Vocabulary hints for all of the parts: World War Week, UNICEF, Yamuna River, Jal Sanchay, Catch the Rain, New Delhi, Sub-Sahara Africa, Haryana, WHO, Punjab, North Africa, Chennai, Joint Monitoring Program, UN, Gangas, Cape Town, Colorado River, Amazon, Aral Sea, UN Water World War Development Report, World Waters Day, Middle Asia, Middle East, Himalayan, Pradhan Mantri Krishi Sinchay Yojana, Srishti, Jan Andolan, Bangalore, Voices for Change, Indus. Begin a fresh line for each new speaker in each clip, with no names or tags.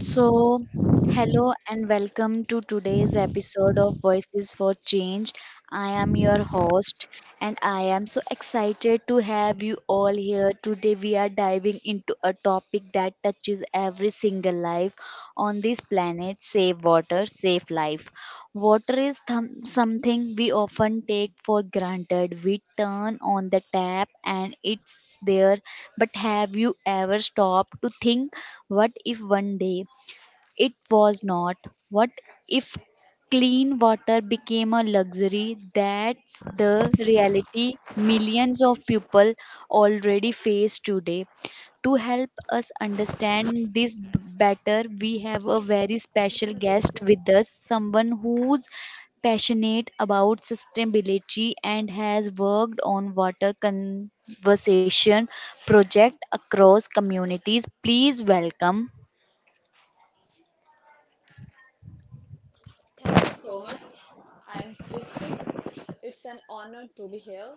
So, hello and welcome to today's episode of Voices for Change. I am your host, and I am so excited to have you all here. Today, we are diving into a topic that touches every single life on this planet: save water, save life. Water is something we often take for granted. We turn on the tap and it's there, but have you ever stopped to think? What if one day it was not? What if clean water became a luxury? That's the reality millions of
Yes, with
people already face today. To help us understand this better, we have a
today
very
with
special
my
guest
bestie.
with us, someone who's passionate about sustainability and has worked on water conservation project across communities. Please welcome.
Thank you so much. I am Srishti. It's an honor to be here.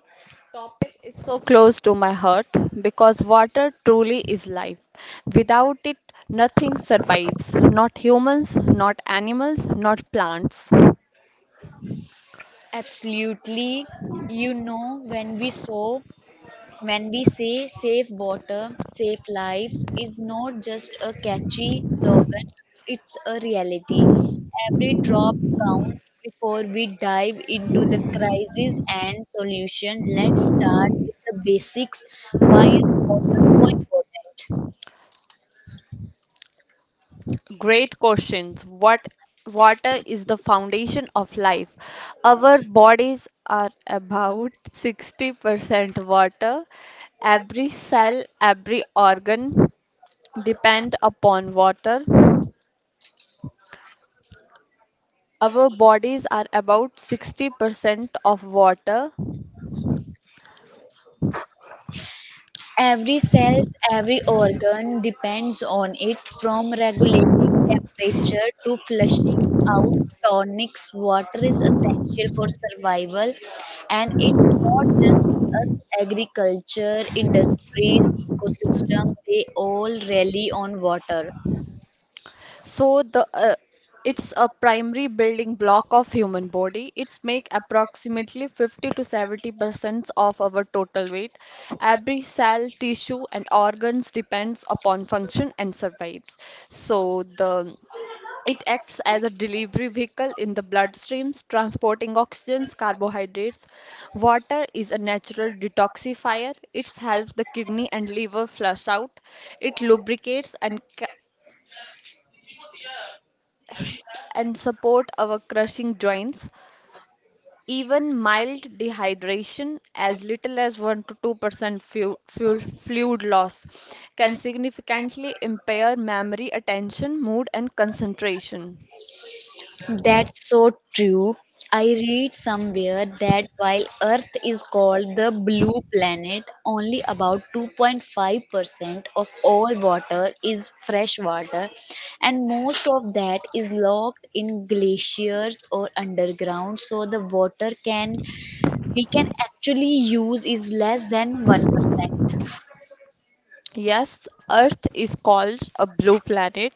Topic is so close to my heart because water truly is life. Without it, nothing survives. Not humans, not animals, not plants.
Absolutely. You know, when we say safe water, safe lives is not just a catchy slogan, it's a reality. Every drop counts. Before we dive into the crisis and solution, let's start with the basics. Why is water so important?
Great questions. What Water is the foundation of life. Our bodies are about 60% water. Every cell, every organ depend upon water. Our bodies are about 60% of water.
Every cell, every organ depends on it, from regulating temperature to flushing out tonics. Water is essential for survival, and it's not just us: agriculture, industries, ecosystem, they all rely on water.
So the It's a primary building block of human body. It's make approximately 50 to 70% of our total weight. Every cell, tissue, and organs depends upon function and survives. So the It acts as a delivery vehicle in the bloodstreams, transporting oxygens, carbohydrates. Water is a natural detoxifier. It helps the kidney and liver flush out. It lubricates and and support our crushing joints. Even mild dehydration, as little as 1 to 2% fluid loss, can significantly impair memory, attention, mood, and concentration.
That's so true. I read somewhere that while Earth is called the blue planet, only about 2.5% of all water is fresh water, and most of that is locked in glaciers or underground, so the water can we can actually use is less than 1%.
Yes, Earth is called a blue planet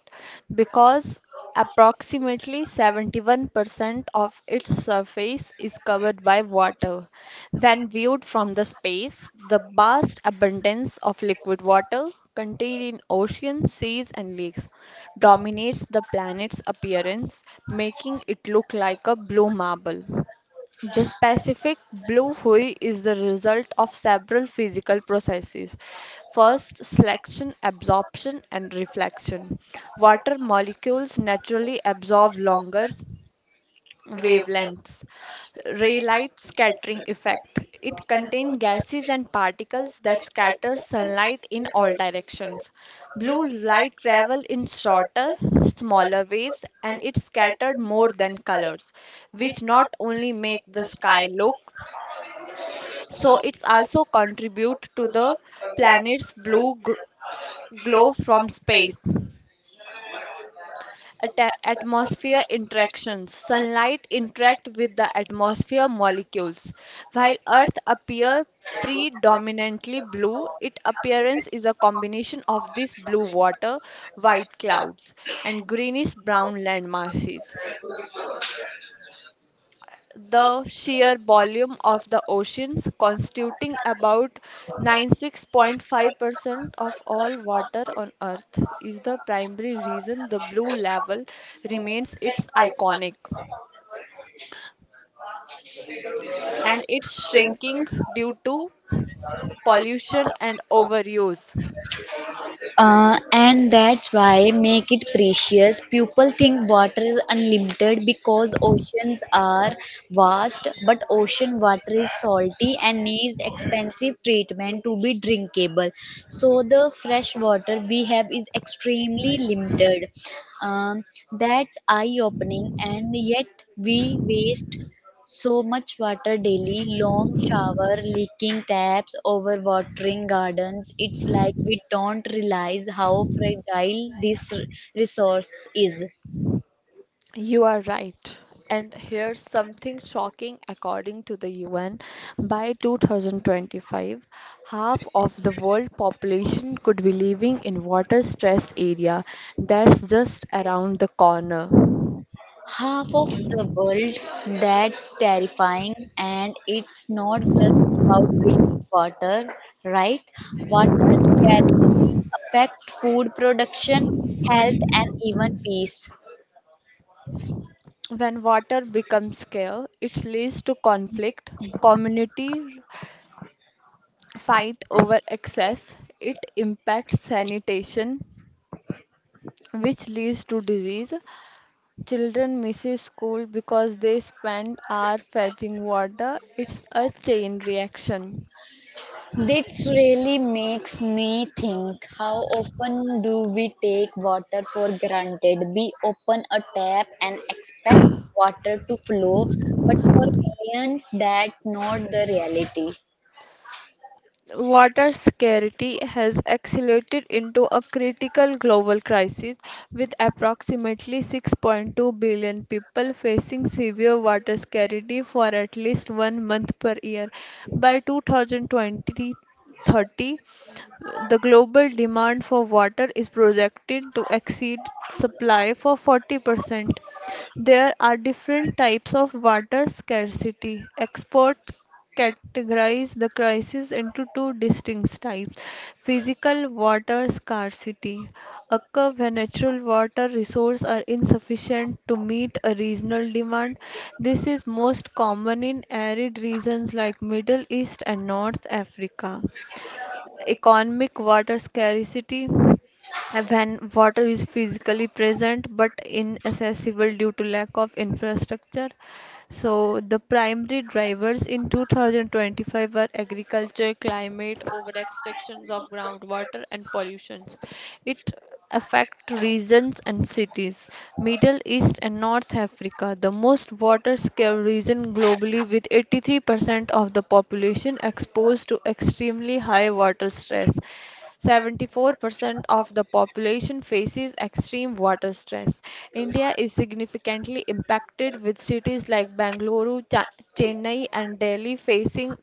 because approximately 71% of its surface is covered by water. When viewed from the space, the vast abundance of liquid water contained in oceans, seas, and lakes dominates the planet's appearance, making it look like a blue marble. The specific blue hue is the result of several physical processes. First, selection, absorption, and reflection. Water molecules naturally absorb longer wavelengths. Raylight scattering effect. It contains gases and particles that scatter sunlight in all directions. Blue light travel in shorter, smaller waves and it's scattered more than colors, which not only make the sky look, so it's also contribute to the planet's blue glow from space. Atmosphere interactions. Sunlight interact with the atmosphere molecules. While Earth appear predominantly blue, its appearance is a combination of this blue water, white clouds, and greenish brown land masses, the sheer volume of the oceans, constituting about 96.5% of all water on Earth, is the primary reason the blue level remains its iconic. And it's shrinking due to pollution and overuse.
And that's why make it precious. People think water is unlimited because oceans are vast, but ocean water is salty and needs expensive treatment to be drinkable. So the fresh water we have is extremely limited. Um, that's eye-opening, and yet we waste so much water daily: long shower, leaking taps, overwatering gardens. It's like we don't realize how fragile this resource is.
You are right. And here's something shocking, according to the UN. By 2025, half of the world population could be living in water-stressed area, that's just around the corner.
Half of the world, that's terrifying, and it's not just about water, right? Water scarcity affect food production, health, and even peace.
When water becomes scarce, it leads to conflict, community fight over access, it impacts sanitation, which leads to disease. Children misses school because they spend hours fetching water. It's a chain reaction.
This really makes me think, how often do we take water for granted? We open a tap and expect water to flow. For millions, that not the reality.
Water scarcity has accelerated into a critical global crisis, with approximately 6.2 billion people facing severe water scarcity for at least one month per year. By 2020, the global demand for water is projected to exceed supply for 40%. There are different types of water scarcity. Experts categorize the crisis into two distinct types. Physical water scarcity occur when natural water resources are insufficient to meet a regional demand. This is most common in arid regions like Middle East and North Africa. Economic water scarcity, when water is physically present but inaccessible due to lack of infrastructure. So the primary drivers in 2025 were agriculture, climate, over extractions of groundwater and pollutions. It affect regions and cities. Middle East and North Africa, the most water-scarce region globally, with 83% of the population exposed to extremely high water stress. 74% of the population faces extreme water stress. India is significantly impacted with cities like Bangalore, Chennai and Delhi facing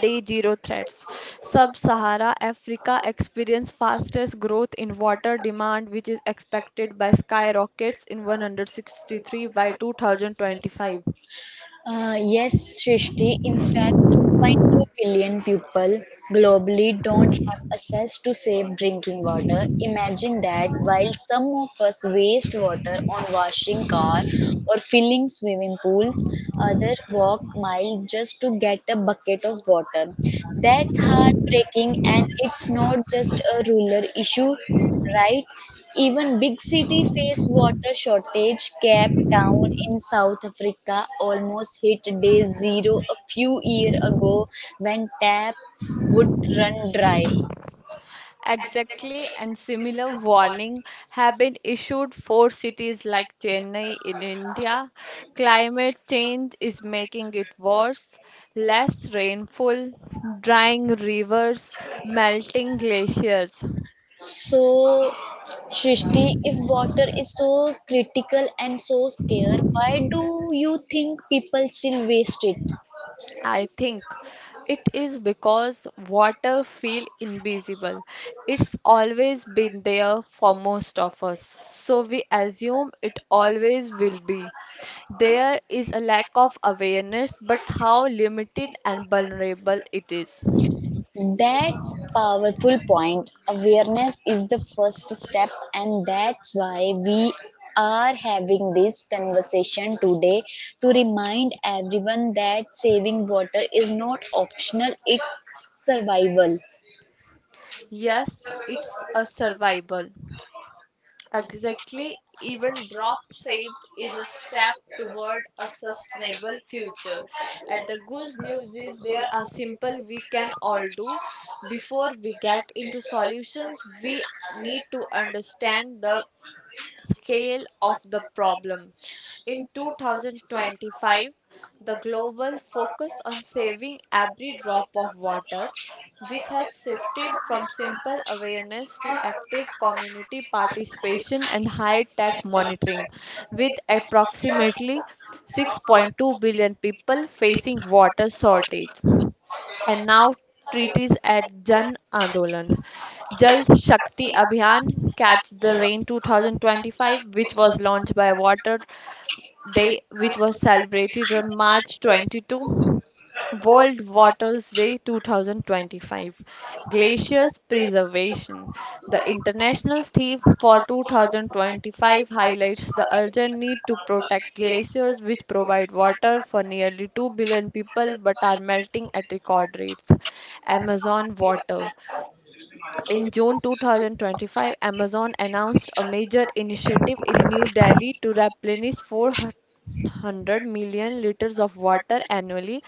Day zero threats. Sub-Sahara Africa experienced fastest growth in water demand, which is expected by skyrockets in 163 by 2025.
Yes, Srishti, in fact 2.2 billion people globally don't have access to safe drinking water. Imagine that, while some of us waste water on washing car or filling swimming pools, others walk miles just to get a bucket of water. That's heartbreaking, and it's not just a rural issue, right? Even big city face water shortage. Cape Town in South Africa almost hit day zero a few years ago, when taps would run dry.
Exactly, and similar warning have been issued for cities like Chennai in India. Climate change is making it worse. Less rainfall, drying rivers, melting glaciers.
So, Shrishti, if water is so critical and so scarce, why do you think people still waste it?
I think it is because water feel invisible. It's always been there for most of us, so we assume it always will be. There is a lack of awareness, but how limited and vulnerable it is.
That's powerful point. Awareness is the first step, and that's why we are having this conversation today, to remind everyone that saving water is not optional, it's survival.
Yes, it's a survival. Exactly, even drop saved is a step toward a sustainable future. And the good news is there are simple we can all do. Before we get into solutions, we need to understand the scale of the problem. In 2025, the global focus on saving every drop of water, which has shifted from simple awareness to active community participation and high tech monitoring, with approximately 6.2 billion people facing water shortage and now treaties at Jan Andolan. Jal Shakti Abhiyan Catch the Rain 2025, which was launched by Water Day, which was celebrated on March 22, World Waters Day 2025. Glaciers Preservation. The international theme for 2025 highlights the urgent need to protect glaciers, which provide water for nearly 2 billion people but are melting at record rates. Amazon water. In June 2025, Amazon announced a major initiative in New Delhi to replenish 400 million liters of water annually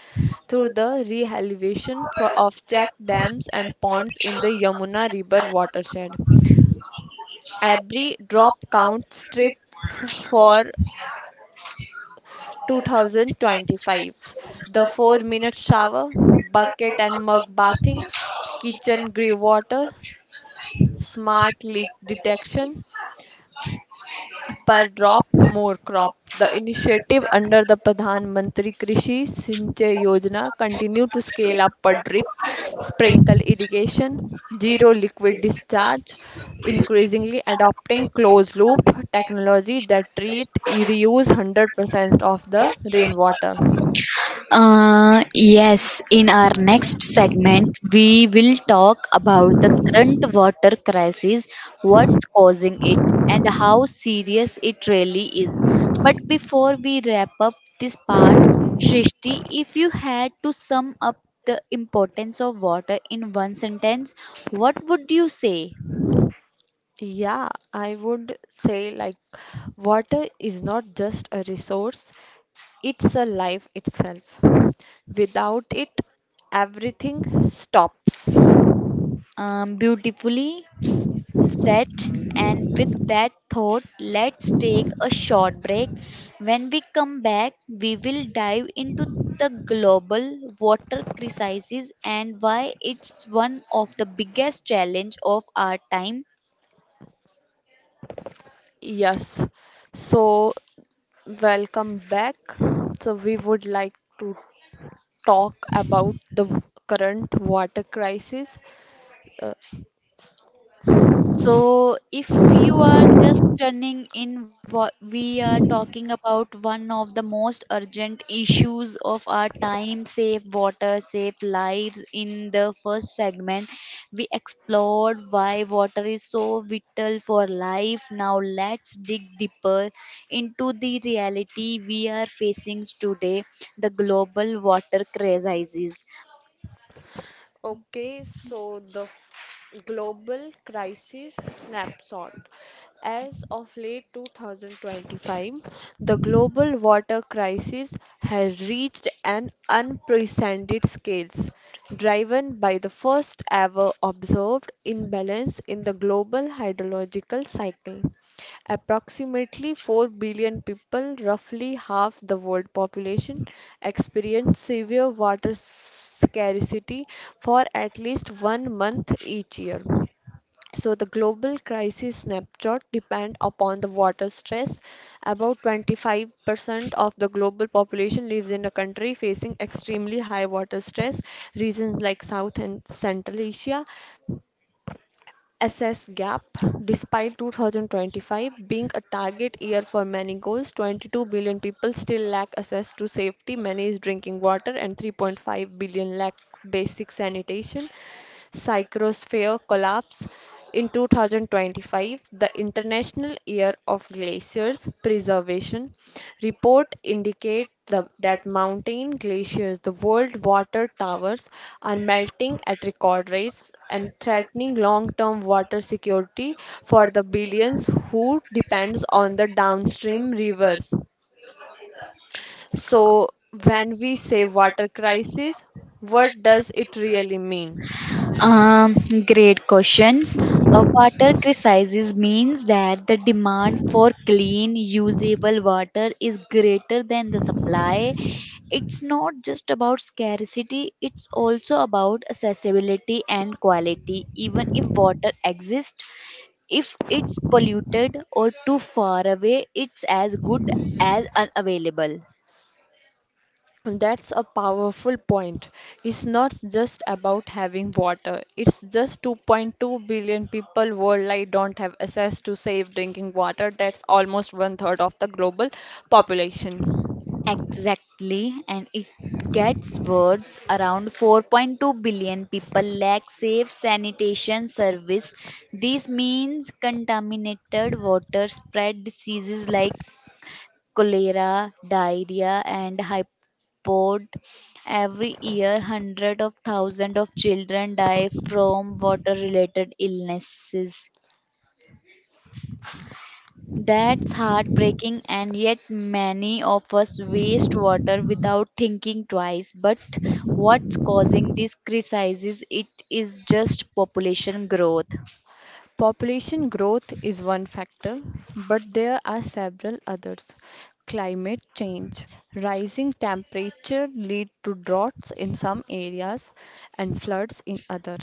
through the rehabilitation of checked dams and ponds in the Yamuna River watershed. Every drop counts Trip for 2025. The 4 minute shower, bucket and mug bathing, kitchen grey water, smart leak detection, Per drop more crop. The initiative under the Pradhan Mantri Krishi Sinchay Yojana continue to scale up per drip, sprinkle irrigation, zero liquid discharge, increasingly adopting closed loop technology that treat reuse 100% of the rainwater.
Yes, in our next segment, we will talk about the current water crisis, what's causing it, and how serious it really is. But before we wrap up this part, Shrishti, if you had to sum up the importance of water in one sentence, what would you say?
Yeah, I would say like water is not just a resource, it's a life itself. Without it, everything stops.
Beautifully set. And with that thought, let's take a short break. When we come back, we will dive into the global water crisis and why it's one of the biggest challenge of our time.
Yes. So, welcome back. So, we would like to talk about the current water crisis. Uh,
So, if you are just turning in, what we are talking about one of the most urgent issues of our time: save water, save lives. In the first segment, we explored why water is so vital for life. Now, let's dig deeper into the reality we are facing today, the global water crisis.
Okay, so the global crisis snapshot. As of late 2025, the global water crisis has reached an unprecedented scale, driven by the first ever observed imbalance in the global hydrological cycle. Approximately 4 billion people, roughly half the world population, experience severe water scarcity for at least one month each year. So the global crisis snapshot depend upon the water stress. About 25% of the global population lives in a country facing extremely high water stress. Regions like South and Central Asia assess gap despite 2025 being a target year for many goals. 22 billion people still lack access to safety managed drinking water and 3.5 billion lack basic sanitation. Psychrosphere collapse in 2025, the International Year of Glaciers Preservation report indicate that mountain glaciers, the world water towers, are melting at record rates and threatening long-term water security for the billions who depends on the downstream rivers. So, when we say water crisis, what does it really mean?
Um, Great questions. A water crisis means that the demand for clean, usable water is greater than the supply. It's not just about scarcity, it's also about accessibility and quality. Even if water exists, if it's polluted or too far away, it's as good as unavailable.
That's a powerful point. It's not just about having water. It's just 2.2 billion people worldwide don't have access to safe drinking water. That's almost one third of the global population.
Exactly, and it gets worse. Around 4.2 billion people lack safe sanitation service. This means contaminated water spread diseases like cholera, diarrhea, and hypod. Every year, hundreds of thousands of children die from water-related illnesses. That's heartbreaking, and yet many of us waste water without thinking twice. But what's causing these crises? It is just population growth.
Population growth is one factor, but there are several others. Climate change. Rising temperature lead to droughts in some areas and floods in other.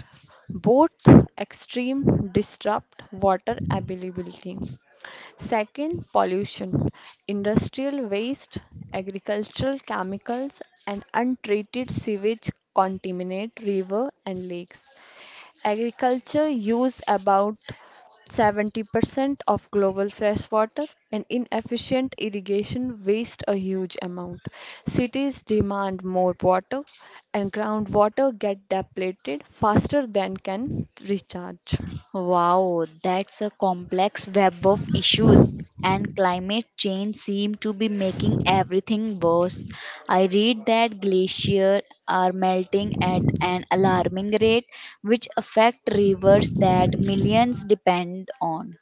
Both extreme disrupt water availability. Second, pollution. Industrial waste, agricultural chemicals, and untreated sewage contaminate river and lakes. Agriculture use about 70% of global fresh water, and inefficient irrigation waste a huge amount. Cities demand more water, and groundwater get depleted faster than can recharge.
Wow, that's a complex web of issues. And climate change seem to be making everything worse. I read that glaciers are melting at an alarming rate, which affect rivers that millions depend on.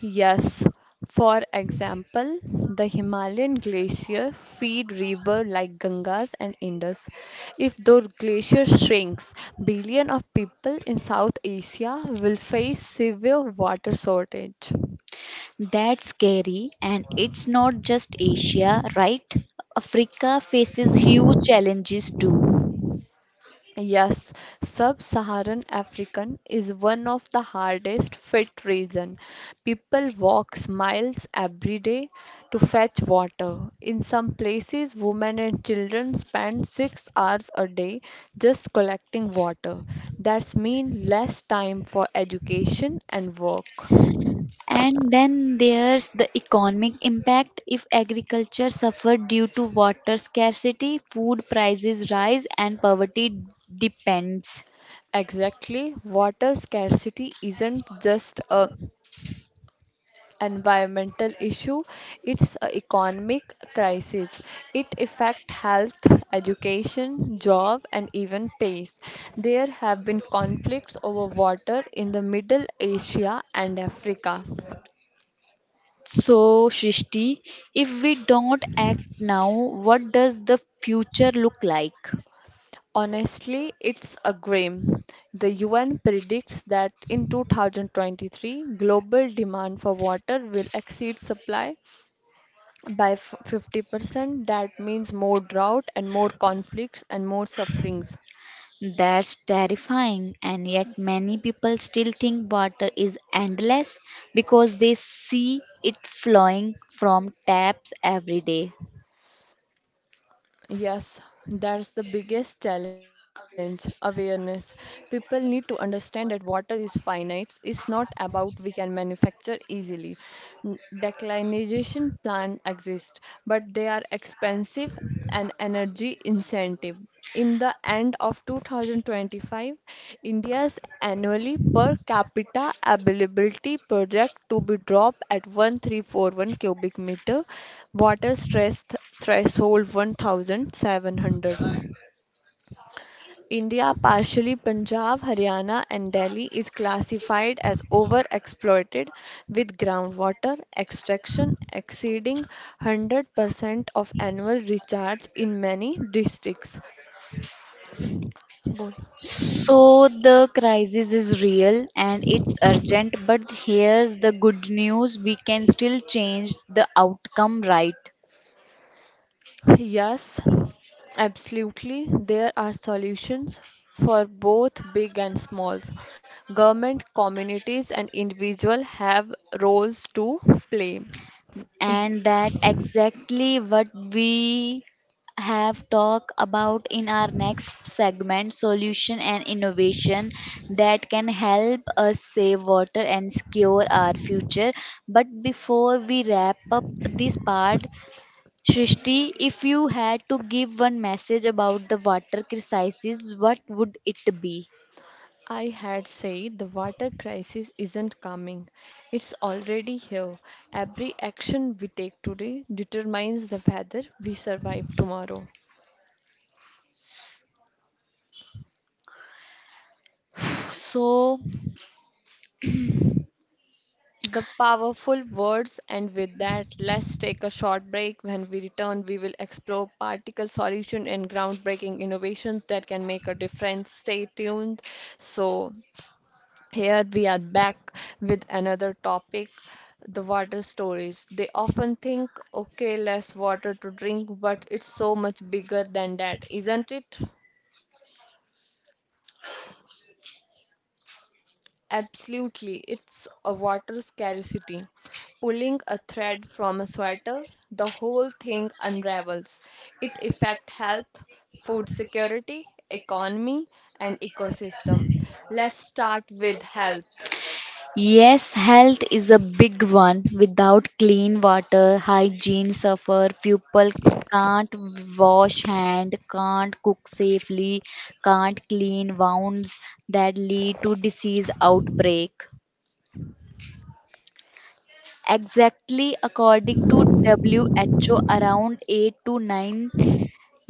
Yes, for example, the Himalayan glacier feed rivers like Gangas and Indus. If those glaciers shrinks, billion of people in South Asia will face severe water shortage.
That's scary, and it's not just Asia, right? Africa faces huge challenges too.
Yes, sub-Saharan African is one of the hardest fit region. People walks miles every day to fetch water. In some places, women and children spend 6 hours a day just collecting water. That's mean less time for education and work.
And then there's the economic impact, if agriculture suffered due to water scarcity, food prices rise, and poverty depends.
Exactly, water scarcity isn't just a environmental issue, it's a economic crisis. It affect health, education, job and even peace. There have been conflicts over water in the Middle Asia and Africa.
So, Shrishti, if we don't act now, what does the future look like?
Honestly, it's a grim. The UN predicts that in 2023, global demand for water will exceed supply by 50%. That means more drought and more conflicts and more sufferings.
That's terrifying, and yet many people still think water is endless because they see it flowing from taps every day.
Yes, that's the biggest challenge awareness. People need to understand that water is finite, it's not about we can manufacture easily. Declinization plants exist, but they are expensive and energy incentive. In the end of 2025, India's annually per capita availability project to be dropped at 1341 cubic meter, water stress threshold 1700. India, partially Punjab, Haryana, and Delhi, is classified as overexploited with groundwater extraction exceeding 100% of annual recharge in many districts. बोल
So the crisis is real and it's urgent, but here's the good news, we can still change the outcome, right.
Yes, absolutely. There are solutions for both big and smalls. Government, communities, and individual have roles to play.
And that exactly what we have talked about in our next segment, solution and innovation that can help us save water and secure our future. But before we wrap up this part, Shrishti, if you had to give one message about the water crisis, what would it be?
I had said the water crisis isn't coming. It's already here. Every action we take today determines the weather we survive tomorrow.
So,
The powerful words, and with that, let's take a short break. When we return, we will explore particle solution and groundbreaking innovations that can make a difference. Stay tuned. So, here we are back with another topic, the water stories. They often think, okay, less water to drink, but it's so much bigger than that, isn't it? Absolutely, it's a water scarcity. Pulling a thread from a sweater, the whole thing unravels. It affects health, food security, economy, and ecosystem. Let's start with health.
yes, health is a big one. Without clean water, hygiene suffer, people can't wash hand, can't cook safely, can't clean wounds, that lead to disease outbreak. Exactly, according to WHO, around 8 to 9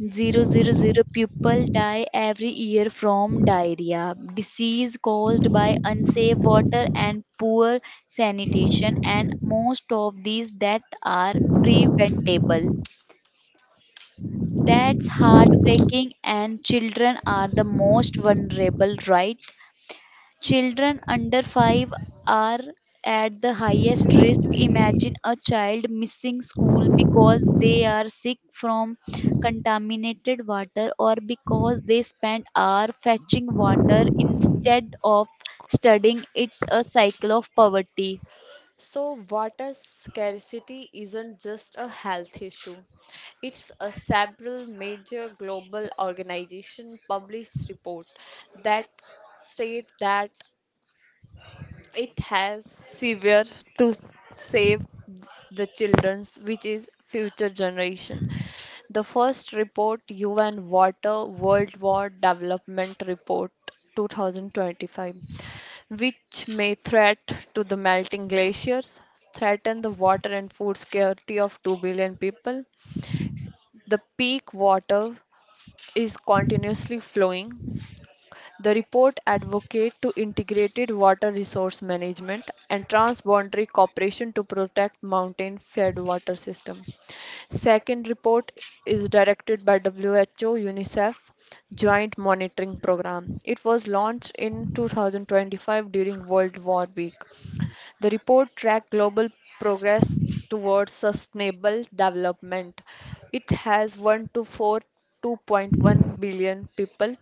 Zero zero zero people die every year from diarrhea, disease caused by unsafe water and poor sanitation, and most of these deaths are preventable. That's heartbreaking, and children are the most vulnerable, right? Children under 5 are at the highest risk. Imagine a child missing school because they are sick from contaminated water, or because they spend hours fetching water instead of studying. It's a cycle of poverty.
So, water scarcity isn't just a health issue. It's a several major global organization published report that state that it has severe to save the children's, which is future generation. The first report, UN Water World War Development Report 2025, which may threat to the melting glaciers, threaten the water and food security of 2 billion people. The peak water is continuously flowing. The report advocated to integrated water resource management and transboundary cooperation to protect mountain fed water system. Second report is directed by WHO UNICEF Joint Monitoring Program. It was launched in 2025 during World War Week. The report tracked global progress towards sustainable development. It has 1 to 4 2.1 billion people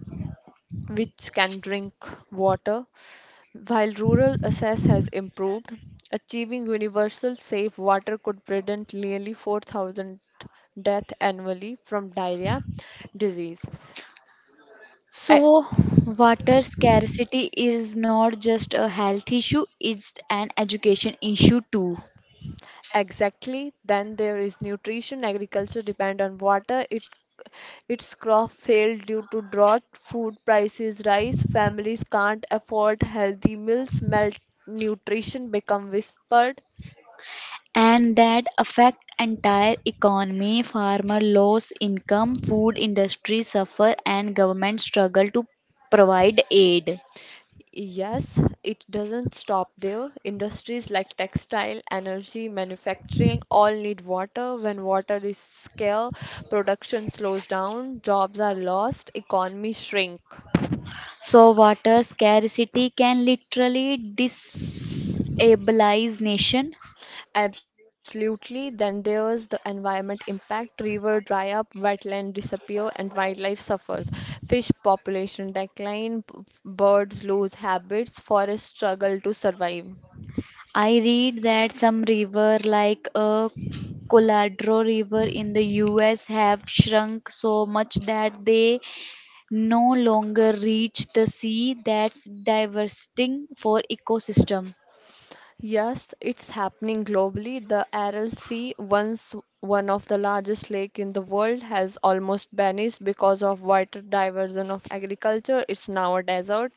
which can drink water. While rural access has improved, achieving universal safe water could prevent nearly 4,000 deaths annually from diarrhea disease. E-
So, water scarcity is not just a health issue, it's an education issue too.
Exactly, then there is nutrition. Agriculture depend on water. It Its crop failed due to drought, food prices rise, families can't afford healthy meals, malnutrition become whispered.
And that affect entire economy, farmer lose income, food industry suffer, and government struggle to provide aid.
Yes, it doesn't stop there. Industries like textile, energy, manufacturing all need water. When water is scarce, production slows down, jobs are lost, economies shrink.
So water scarcity can literally destabilize nation.
Absolutely. Then there's the environment impact. River dry up, wetland disappear, and wildlife suffers. Fish population decline, birds lose habits, forests struggle to survive.
I read that some river like a Colorado River in the US have shrunk so much that they no longer reach the sea. That's devastating for ecosystem.
Yes, it's happening globally. The Aral Sea, once one of the largest lake in the world, has almost vanished because of water diversion of agriculture. It's now a desert.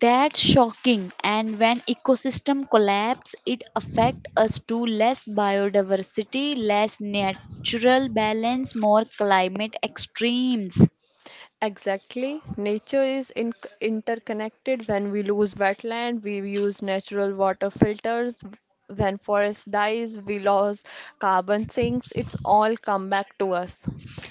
That's shocking, and when ecosystem collapse it affects us to less biodiversity, less natural balance, more climate extremes.
Exactly. Nature is in interconnected. When we lose wetland, we use natural water filters. When forest dies, we lose carbon sinks. It's all come back to us.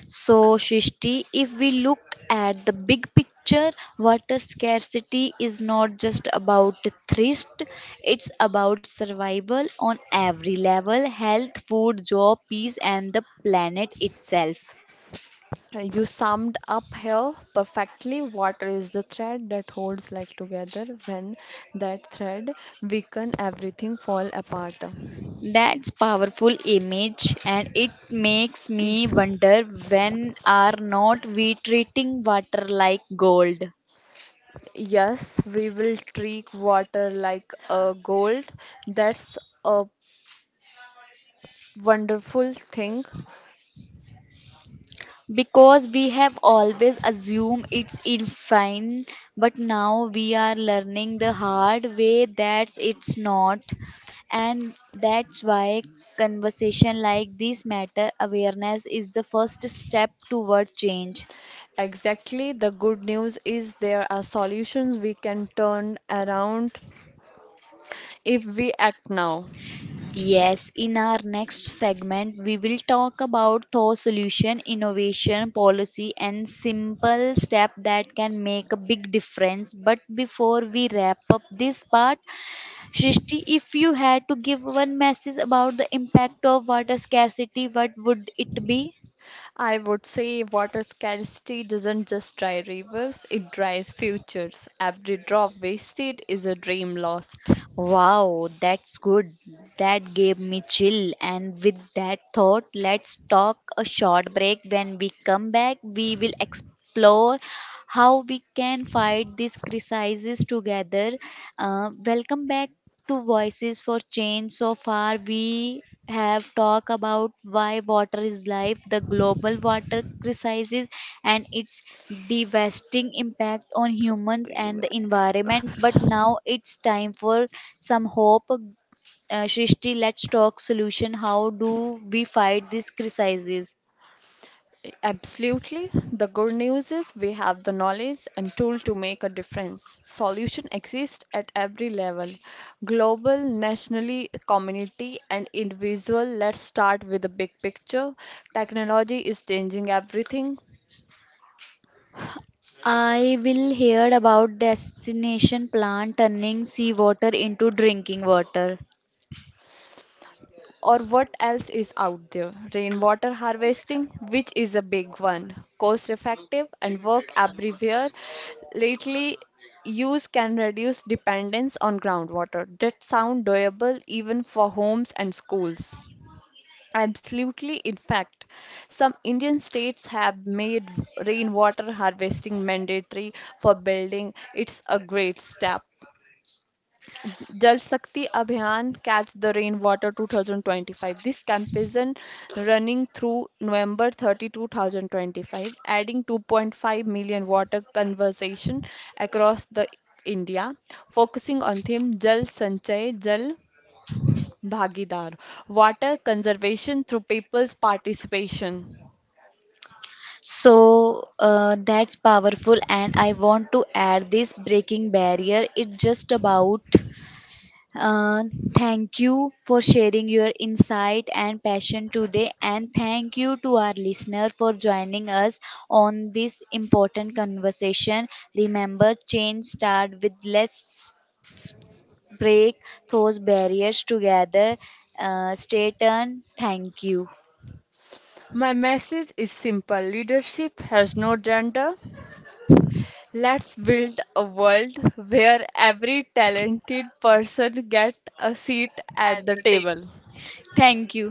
So, Shishti, if we look at the big picture, water scarcity is not just about thirst, it's about survival on every level: health, food, job, peace, and the planet itself.
You summed up here perfectly what is the thread that holds life together when that thread weaken everything fall apart.
That's powerful image, and it makes me
Peace.
wonder, when are not we treating water like gold?
Yes, we will treat water like a gold. That's a wonderful thing.
Because we have always assumed it's infinite, but now we are learning the hard way that it's not. And that's why conversation like this matter, awareness is the first step toward change.
Exactly. The good news is there are solutions we can turn around if we act now.
Yes, in our next segment, we will talk about thought solution, innovation, policy, and simple step that can make a big difference. But before we wrap up this part, Srishti, if you had to give one message about the impact of water scarcity, what would it be?
I would say water scarcity doesn't just dry rivers, it dries futures. Every drop wasted is a dream lost.
Wow, that's good. That gave me chill. And with that thought, let's talk a short break. When we come back, we will explore how we can fight these crises together. Welcome back to Voices for Change. So far, we have talked about why water is life, the global water crisis, and its devastating impact on humans and the
Amen.
environment. But now it's time for some hope. Shrishti, let's talk solution. How do we fight this crisis?
Absolutely. The good news is we have the knowledge and tool to make a difference. Solution exists at every level, global, nationally, community, and individual. Let's start with the big picture. Technology is changing everything.
I will hear about destination plant turning seawater into drinking water.
Or what else is out there? Rainwater harvesting, which is a big one, cost effective and work everywhere. Lately, use can reduce dependence on groundwater. That sound doable even for homes and schools. Absolutely, in fact, some Indian states have made rainwater harvesting mandatory for building. It's a great step. Jal Shakti Abhiyan Catch the Rainwater 2025. This campaign running through November 30, 2025, adding 2.5 million water conservation across the India, focusing on theme Jal Sanchay Jal Bhagidar, water conservation through people's participation.
So that's powerful, and I want to add this breaking barrier. It's just about uh, thank you for sharing your insight and passion today, and thank you to our listener for joining us on this important conversation. Remember, change start with, let's break those barriers together. Stay tuned. Thank you.
My message is simple: leadership has no gender. Let's build a world where every talented person gets a seat at the table.
Thank you.